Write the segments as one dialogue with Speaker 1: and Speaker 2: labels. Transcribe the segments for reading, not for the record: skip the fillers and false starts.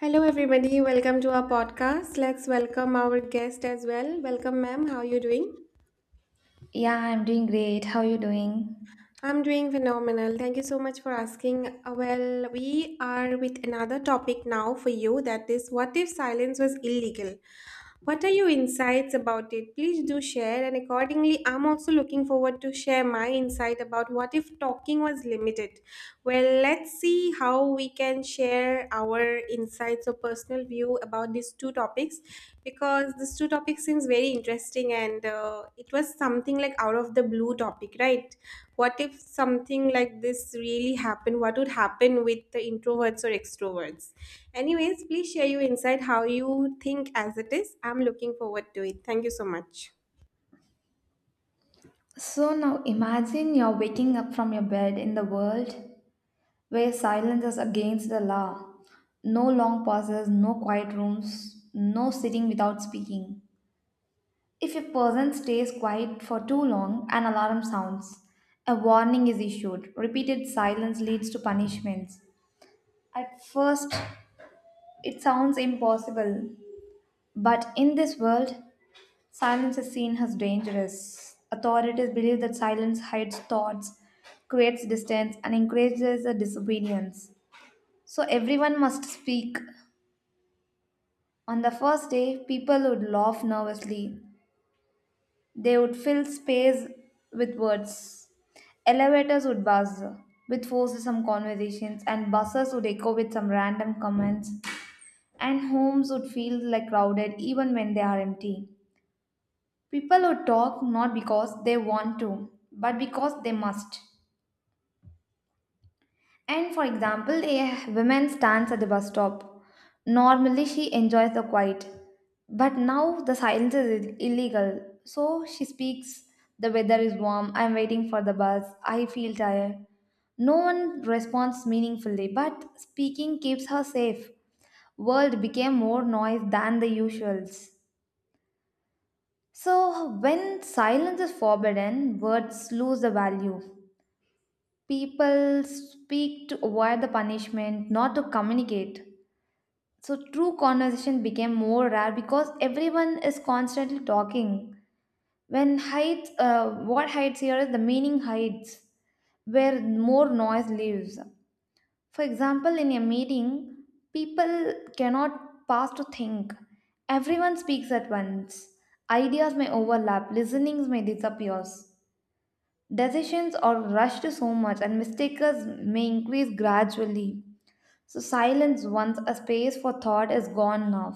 Speaker 1: Hello, everybody. Welcome to our podcast. Let's welcome our guest as well. Welcome, ma'am. How are you doing?
Speaker 2: Yeah, I'm doing great. How are you doing?
Speaker 1: I'm doing phenomenal. Thank you so much for asking. Well, we are with another topic now for you that is, what if silence was illegal? What are your insights about it? Please do share, and accordingly, I'm also looking forward to share my insight about what if talking was limited. Well, let's see how we can share our insights or personal view about these two topics because these two topics seems very interesting and it was something like out of the blue topic, right? What if something like this really happened, what would happen with the introverts or extroverts? Anyways, please share your insight how you think as it is. I'm looking forward to it. Thank you so much.
Speaker 2: So now imagine you're waking up from your bed in the world where silence is against the law. No long pauses, no quiet rooms, no sitting without speaking. If a person stays quiet for too long, an alarm sounds. A warning is issued. Repeated silence leads to punishments. At first, it sounds impossible, but in this world, silence is seen as dangerous. Authorities believe that silence hides thoughts, creates distance, and encourages the disobedience. So everyone must speak. On the first day, people would laugh nervously. They would fill space with words. Elevators would buzz with some conversations, and buses would echo with some random comments. And homes would feel like crowded even when they are empty. People who talk not because they want to, but because they must. And for example, a woman stands at the bus stop. Normally, she enjoys the quiet, but now the silence is illegal. So she speaks, the weather is warm, I'm waiting for the bus, I feel tired. No one responds meaningfully, but speaking keeps her safe. World became more noise than the usuals. So, when silence is forbidden, words lose the value. People speak to avoid the punishment, not to communicate. So, true conversation became more rare because everyone is constantly talking. When hides, what hides here is the meaning hides, where more noise lives. For example, in a meeting, people cannot pause to think. Everyone speaks at once. Ideas may overlap, listenings may disappear. Decisions are rushed so much, and mistakes may increase gradually. So, silence once a space for thought is gone now.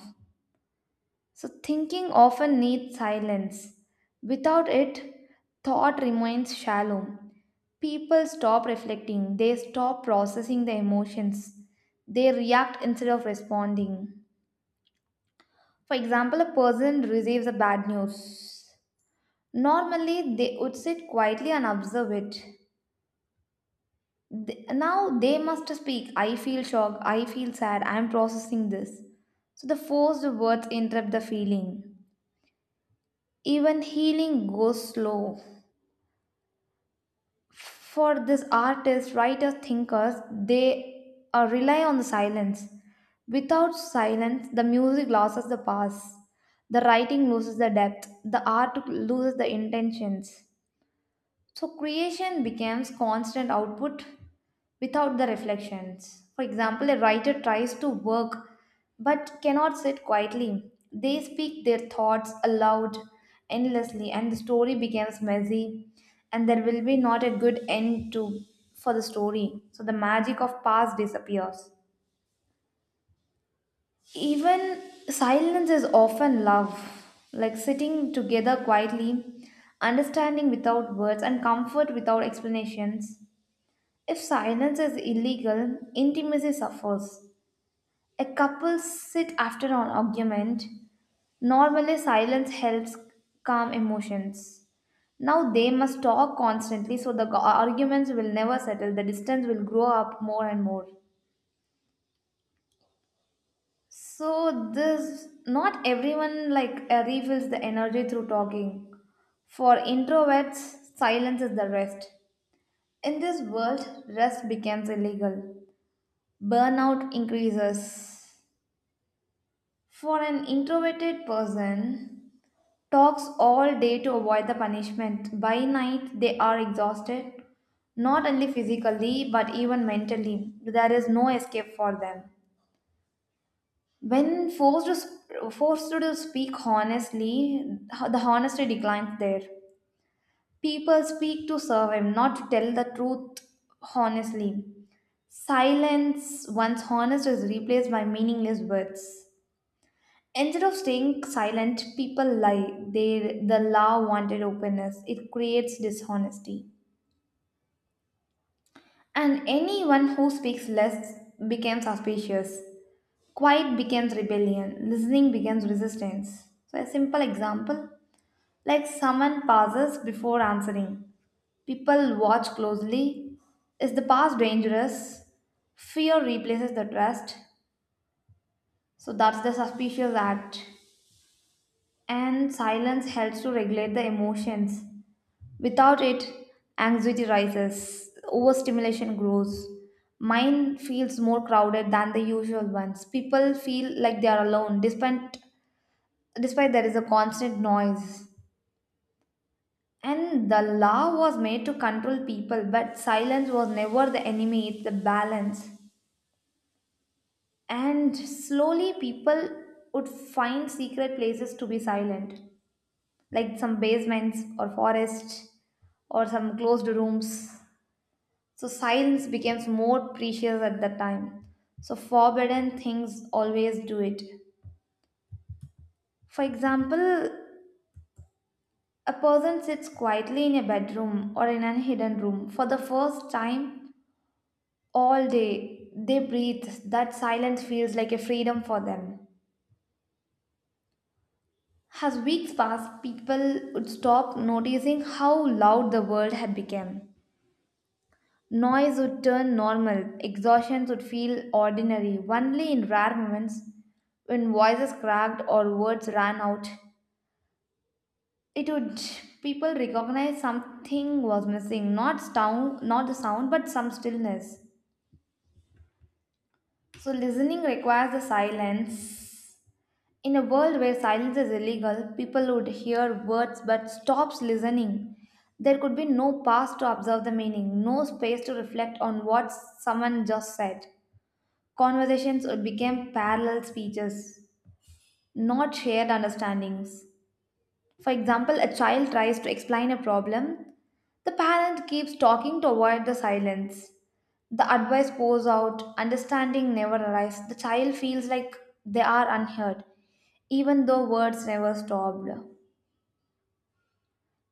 Speaker 2: So, thinking often needs silence. Without it, thought remains shallow. People stop reflecting, they stop processing the emotions, they react instead of responding. For example, a person receives a bad news. Normally, they would sit quietly and observe it. Now they must speak. I feel shocked. I feel sad. I am processing this. So the forced words interrupt the feeling. Even healing goes slow. For this artists writers thinkers they rely on the silence, without silence the music loses the pass, the writing loses the depth, the art loses the intentions. So creation becomes constant output without the reflections. For example, a writer tries to work but cannot sit quietly. They speak their thoughts aloud endlessly and the story becomes messy and there will be not a good end to for the story. So the magic of past disappears. Even silence is often love, like sitting together quietly, understanding without words, and comfort without explanations. If silence is illegal, intimacy suffers. A couple sit after an argument. Normally, silence helps calm emotions. Now they must talk constantly so the arguments will never settle, the distance will grow up more and more. So this not everyone like refills the energy through talking. For introverts, silence is the rest. In this world, rest becomes illegal. Burnout increases. For an introverted person, talks all day to avoid the punishment. By night, they are exhausted, not only physically but even mentally. There is no escape for them. When forced to, forced to speak honestly, the honesty declines there. People speak to serve him, not to tell the truth honestly. Silence, once honest, is replaced by meaningless words. Instead of staying silent, people lie. They, the law wanted openness. It creates dishonesty. And anyone who speaks less becomes suspicious. Quiet becomes rebellion. Listening becomes resistance. So, a simple example like someone pauses before answering. People watch closely. Is the past dangerous? Fear replaces the trust. So, that's the suspicious act. And silence helps to regulate the emotions. Without it, anxiety rises, overstimulation grows. Mine feels more crowded than the usual ones. People feel like they are alone despite despite there is a constant noise. And the law was made to control people, but silence was never the enemy, it's the balance. And slowly people would find secret places to be silent, like some basements or forests or some closed rooms. So silence becomes more precious at that time. So forbidden things always do it. For example, a person sits quietly in a bedroom or in a hidden room for the first time all day. They breathe. That silence feels like a freedom for them. As weeks passed, people would stop noticing how loud the world had become. Noise would turn normal, exhaustion would feel ordinary, only in rare moments when voices cracked or words ran out. It would people recognize something was missing, not sound, not the sound, but some stillness. So listening requires the silence. In a world where silence is illegal, people would hear words but stops listening. There could be no pause to observe the meaning, no space to reflect on what someone just said. Conversations became parallel speeches, not shared understandings. For example, a child tries to explain a problem, the parent keeps talking to avoid the silence. The advice pours out, understanding never arrives. The child feels like they are unheard, even though words never stopped.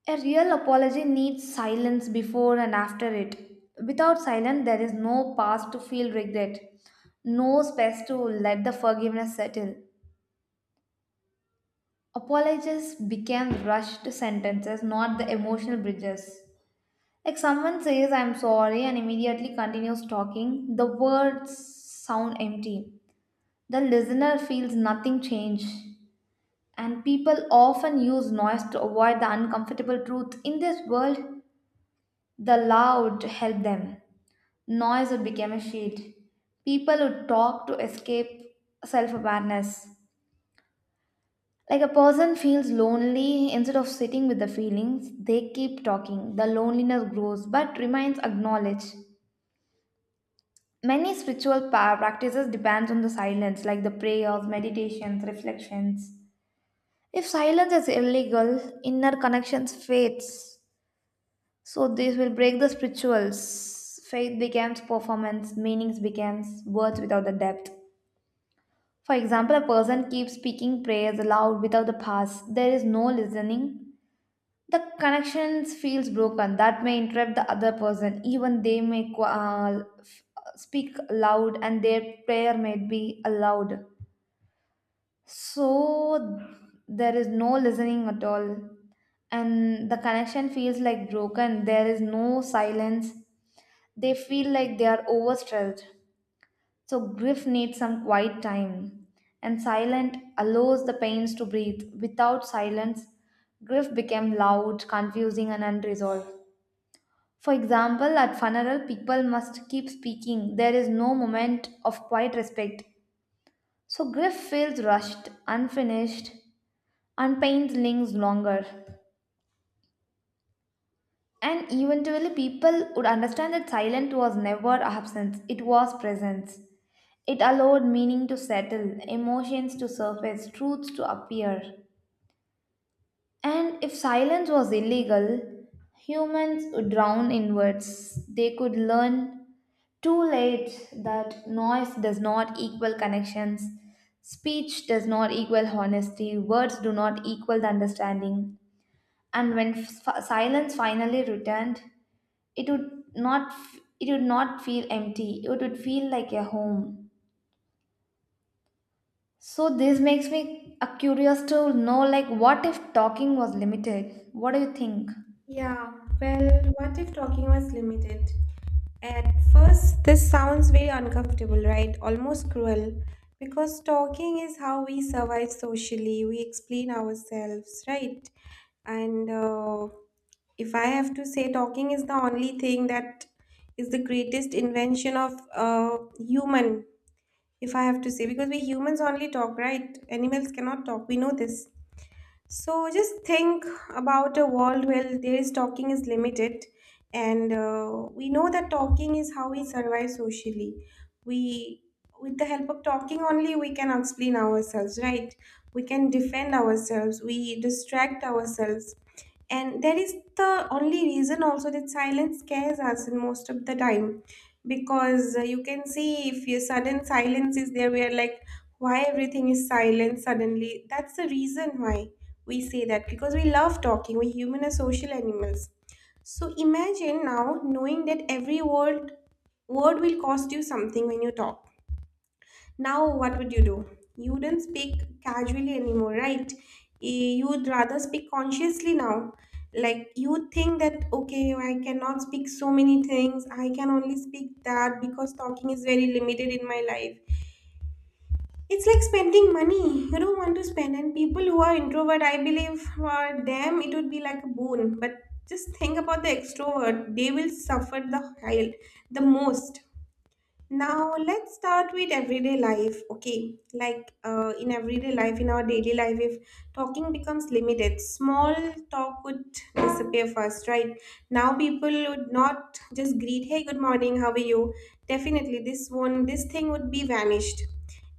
Speaker 2: A real apology needs silence before and after it. Without silence, there is no pause to feel regret, no space to let the forgiveness settle. Apologies became rushed sentences, not the emotional bridges. Like someone says, I'm sorry, and immediately continues talking, the words sound empty. The listener feels nothing change. And people often use noise to avoid the uncomfortable truth. In this world, the loud help them. Noise would become a shield. People would talk to escape self awareness. Like a person feels lonely instead of sitting with the feelings, they keep talking. The loneliness grows but remains acknowledged. Many spiritual practices depends on the silence, like the prayers, meditations, reflections. If silence is illegal, inner connections fades. So this will break the spirituals. Faith becomes performance, meanings becomes words without the depth. For example, a person keeps speaking prayers aloud without the pause. There is no listening, the connections feels broken that may interrupt the other person even they may speak loud and their prayer may be allowed. So there is no listening at all and the connection feels like broken, there is no silence. They feel like they are overstretched. So grief needs some quiet time and silent allows the pains to breathe. Without silence, grief became loud, confusing and unresolved. For example, at funeral, people must keep speaking. There is no moment of quiet respect. So grief feels rushed, unfinished, and pains lingers longer. And eventually, people would understand that silence was never absence; it was presence. It allowed meaning to settle, emotions to surface, truths to appear. And if silence was illegal, humans would drown in words. They could learn too late that noise does not equal connections, speech does not equal honesty, words do not equal the understanding. And when silence finally returned, it would not it would not feel empty. It would feel like a home. So this makes me curious to know like what if talking was limited? What do you think?
Speaker 1: Yeah, well, what if talking was limited? At first, this sounds very uncomfortable, right? Almost cruel. Because talking is how we survive socially, we explain ourselves, right? And if I have to say, talking is the only thing that is the greatest invention of human, if I have to say, because we humans only talk, right? Animals cannot talk, we know this. So just think about a world where there is talking is limited, and we know that talking is how we survive socially. We, with the help of talking only, we can explain ourselves, right? We can defend ourselves. We distract ourselves, and that is the only reason also that silence scares us in most of the time, because you can see if your sudden silence is there, we are like, why everything is silent suddenly? That's the reason why we say that, because we love talking, we human are social animals. So imagine now knowing that every word will cost you something when you talk. Now what would you do? You don't speak casually anymore, right? You would rather speak consciously now. Like you think that okay, I cannot speak so many things, I can only speak that because talking is very limited in my life. It's like spending money you don't want to spend, and people who are introvert, I believe for them it would be like a boon. But just think about the extrovert; they will suffer the hell the most. Now let's start with everyday life. Okay, like in everyday life, in our daily life, if talking becomes limited, small talk would disappear first, right? Now people would not just greet, "Hey, good morning, how are you?" Definitely, this one, this thing would be vanished,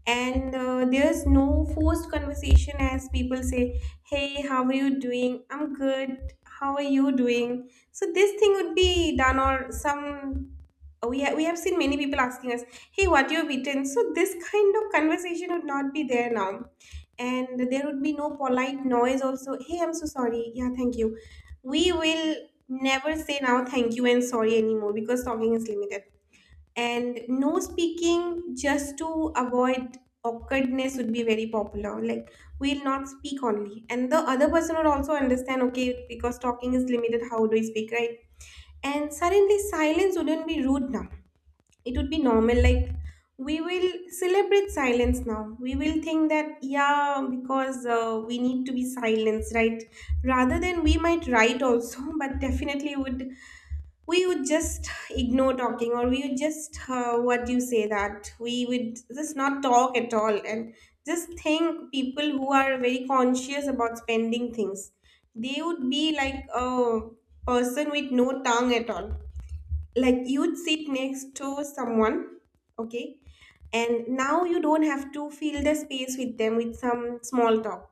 Speaker 1: and there's no forced conversation as people say, "Hey, how are you doing? I'm good. How are you doing?" So this thing would be done, or some we have seen many people asking us, hey, what you have eaten? So this kind of conversation would not be there now. And there would be no polite noise also. Hey, I'm so sorry. Yeah, thank you. We will never say now thank you and sorry anymore because talking is limited. And no speaking just to avoid awkwardness would be very popular. Like we'll not speak only. And the other person would also understand, okay, because talking is limited, how do I speak, right? And suddenly silence wouldn't be rude now, it would be normal. Like we will celebrate silence now. We will think that yeah, because we need to be silenced, right? Rather than we might write also but definitely would, we would just ignore talking, or we would just what do you say, that we would just not talk at all. And just think, people who are very conscious about spending things, they would be like a person with no tongue at all. Like you'd sit next to someone, okay, and now you don't have to fill the space with them with some small talk.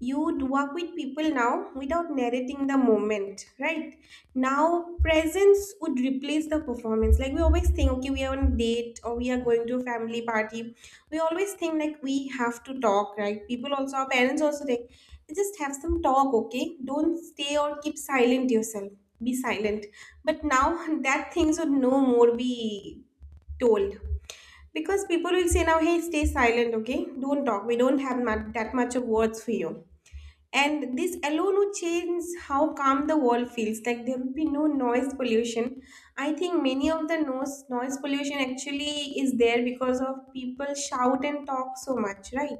Speaker 1: You'd work with people now without narrating the moment, right? Now presence would replace the performance. Like we always think, okay, we are on a date or we are going to a family party, we always think like we have to talk, right? People also, our parents also think, just have some talk, okay, don't stay or keep silent yourself, be silent. But now that things would no more be told, because people will say now, hey, stay silent, okay, don't talk, we don't have that much of words for you. And this alone would change how calm the world feels. Like there would be no noise pollution. I think many of the noise pollution actually is there because of people shout and talk so much, right?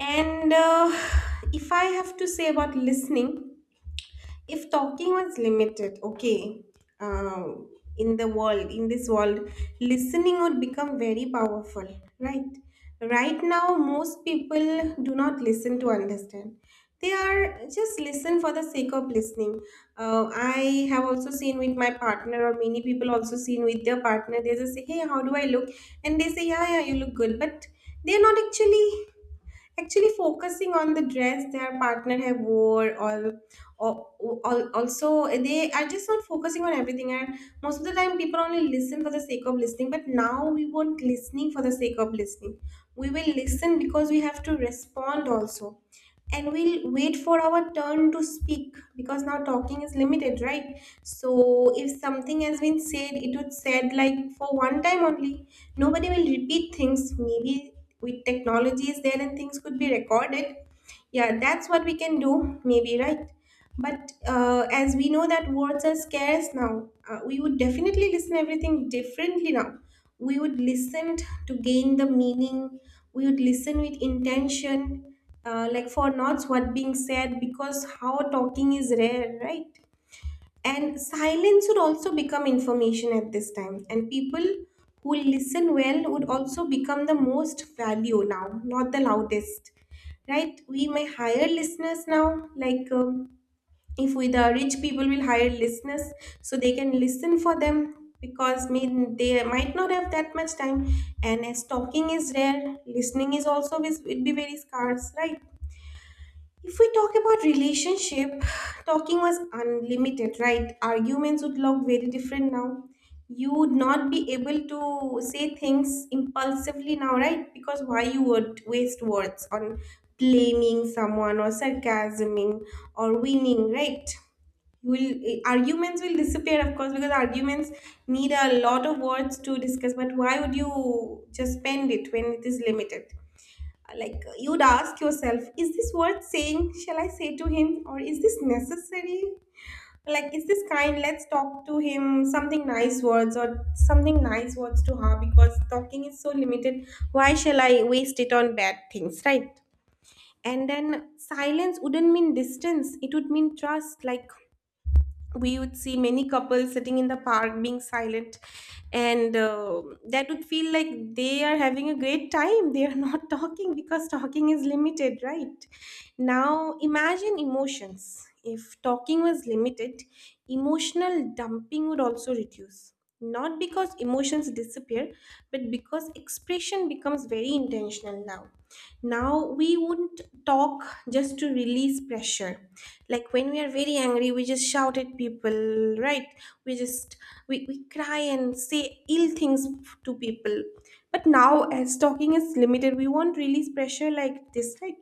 Speaker 1: And if I have to say about listening, if talking was limited, okay, um, in the world, in this world, listening would become very powerful, right? Right now most people do not listen to understand, they are just listen for the sake of listening. I have also seen with my partner, or many people also seen with their partner, they just say, hey, how do I look? And they say, yeah, you look good, but they're not actually focusing on the dress their partner have wore, or also they are just not focusing on everything. And most of the time people only listen for the sake of listening, but now we won't listening for the sake of listening. We will listen because we have to respond also, and we'll wait for our turn to speak, because now talking is limited, right? So if something has been said, it was said like for one time only. Nobody will repeat things maybe. With technology is there and things could be recorded, yeah, that's what we can do maybe, right? But as we know that words are scarce now, we would definitely listen everything differently now. We would listen to gain the meaning. We would listen with intention, like for not what being said, because how talking is rare, right? And silence would also become information at this time. And people who listen well would also become the most value now, not the loudest. Right, we may hire listeners now. Like if we, the rich people will hire listeners so they can listen for them, because mean they might not have that much time. And as talking is rare, listening is also will be very scarce, right? If we talk about relationship, talking was unlimited, right, arguments would look very different now. You would not be able to say things impulsively now, right? Because why you would waste words on blaming someone or sarcasming or winning, right? You will arguments will disappear of course, because arguments need a lot of words to discuss, but why would you just spend it when it is limited? Like you'd ask yourself, is this worth saying, shall I say to him, or is this necessary? Like is this kind, let's talk to him something nice words or something nice words to her, because talking is so limited, why shall I waste it on bad things, right? And then silence wouldn't mean distance, it would mean trust. Like we would see many couples sitting in the park being silent, and that would feel like they are having a great time, they are not talking, because talking is limited, right? Now imagine emotions, if talking was limited, emotional dumping would also reduce, not because emotions disappear, but because expression becomes very intentional now. Now we wouldn't talk just to release pressure. Like when we are very angry, we just shout at people, right? We just, we cry and say ill things to people. But now as talking is limited, we won't release pressure like this, right?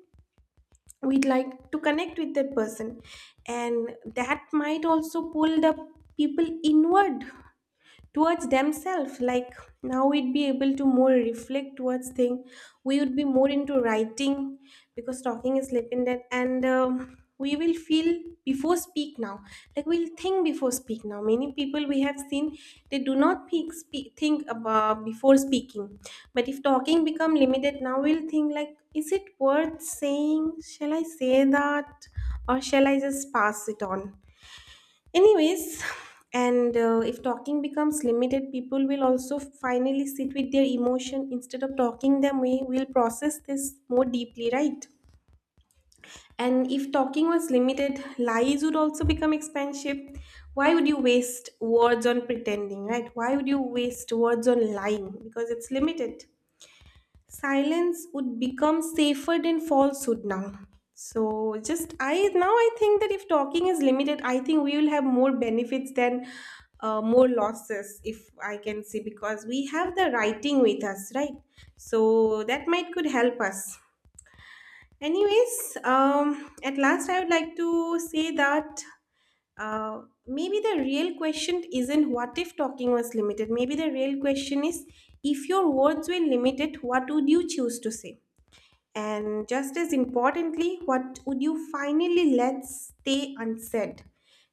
Speaker 1: We'd like to connect with that person. And that might also pull the people inward towards themselves. Like now we'd be able to more reflect towards thing. We would be more into writing, because talking is lip in that, and we will feel before speak now. Like we'll think before speak now. Many people we have seen, they do not think, speak, think about before speaking. But if talking become limited, now we'll think like, is it worth saying, shall I say that, or shall I just pass it on? Anyways, and if talking becomes limited, people will also finally sit with their emotion instead of talking them. We will process this more deeply, right? And if talking was limited, lies would also become expensive. Why would you waste words on pretending, right? Why would you waste words on lying? Because it's limited, silence would become safer than falsehood now. So just I now I think that if talking is limited, I think we will have more benefits than more losses, if I can say, because we have the writing with us, right? So that might could help us. Anyways, at last I would like to say that uh, maybe the real question isn't what if talking was limited, maybe the real question is, if your words were limited, what would you choose to say? And just as importantly, what would you finally let stay unsaid?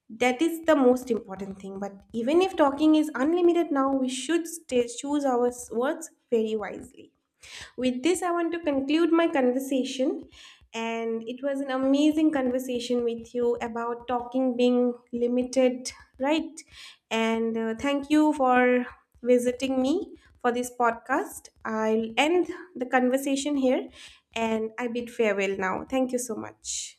Speaker 1: That is the most important thing. But even if talking is unlimited now, we should stay, choose our words very wisely. With this, I want to conclude my conversation. And it was an amazing conversation with you about talking being limited, right? And thank you for visiting me for this podcast. I'll end the conversation here and I bid farewell now. Thank you so much.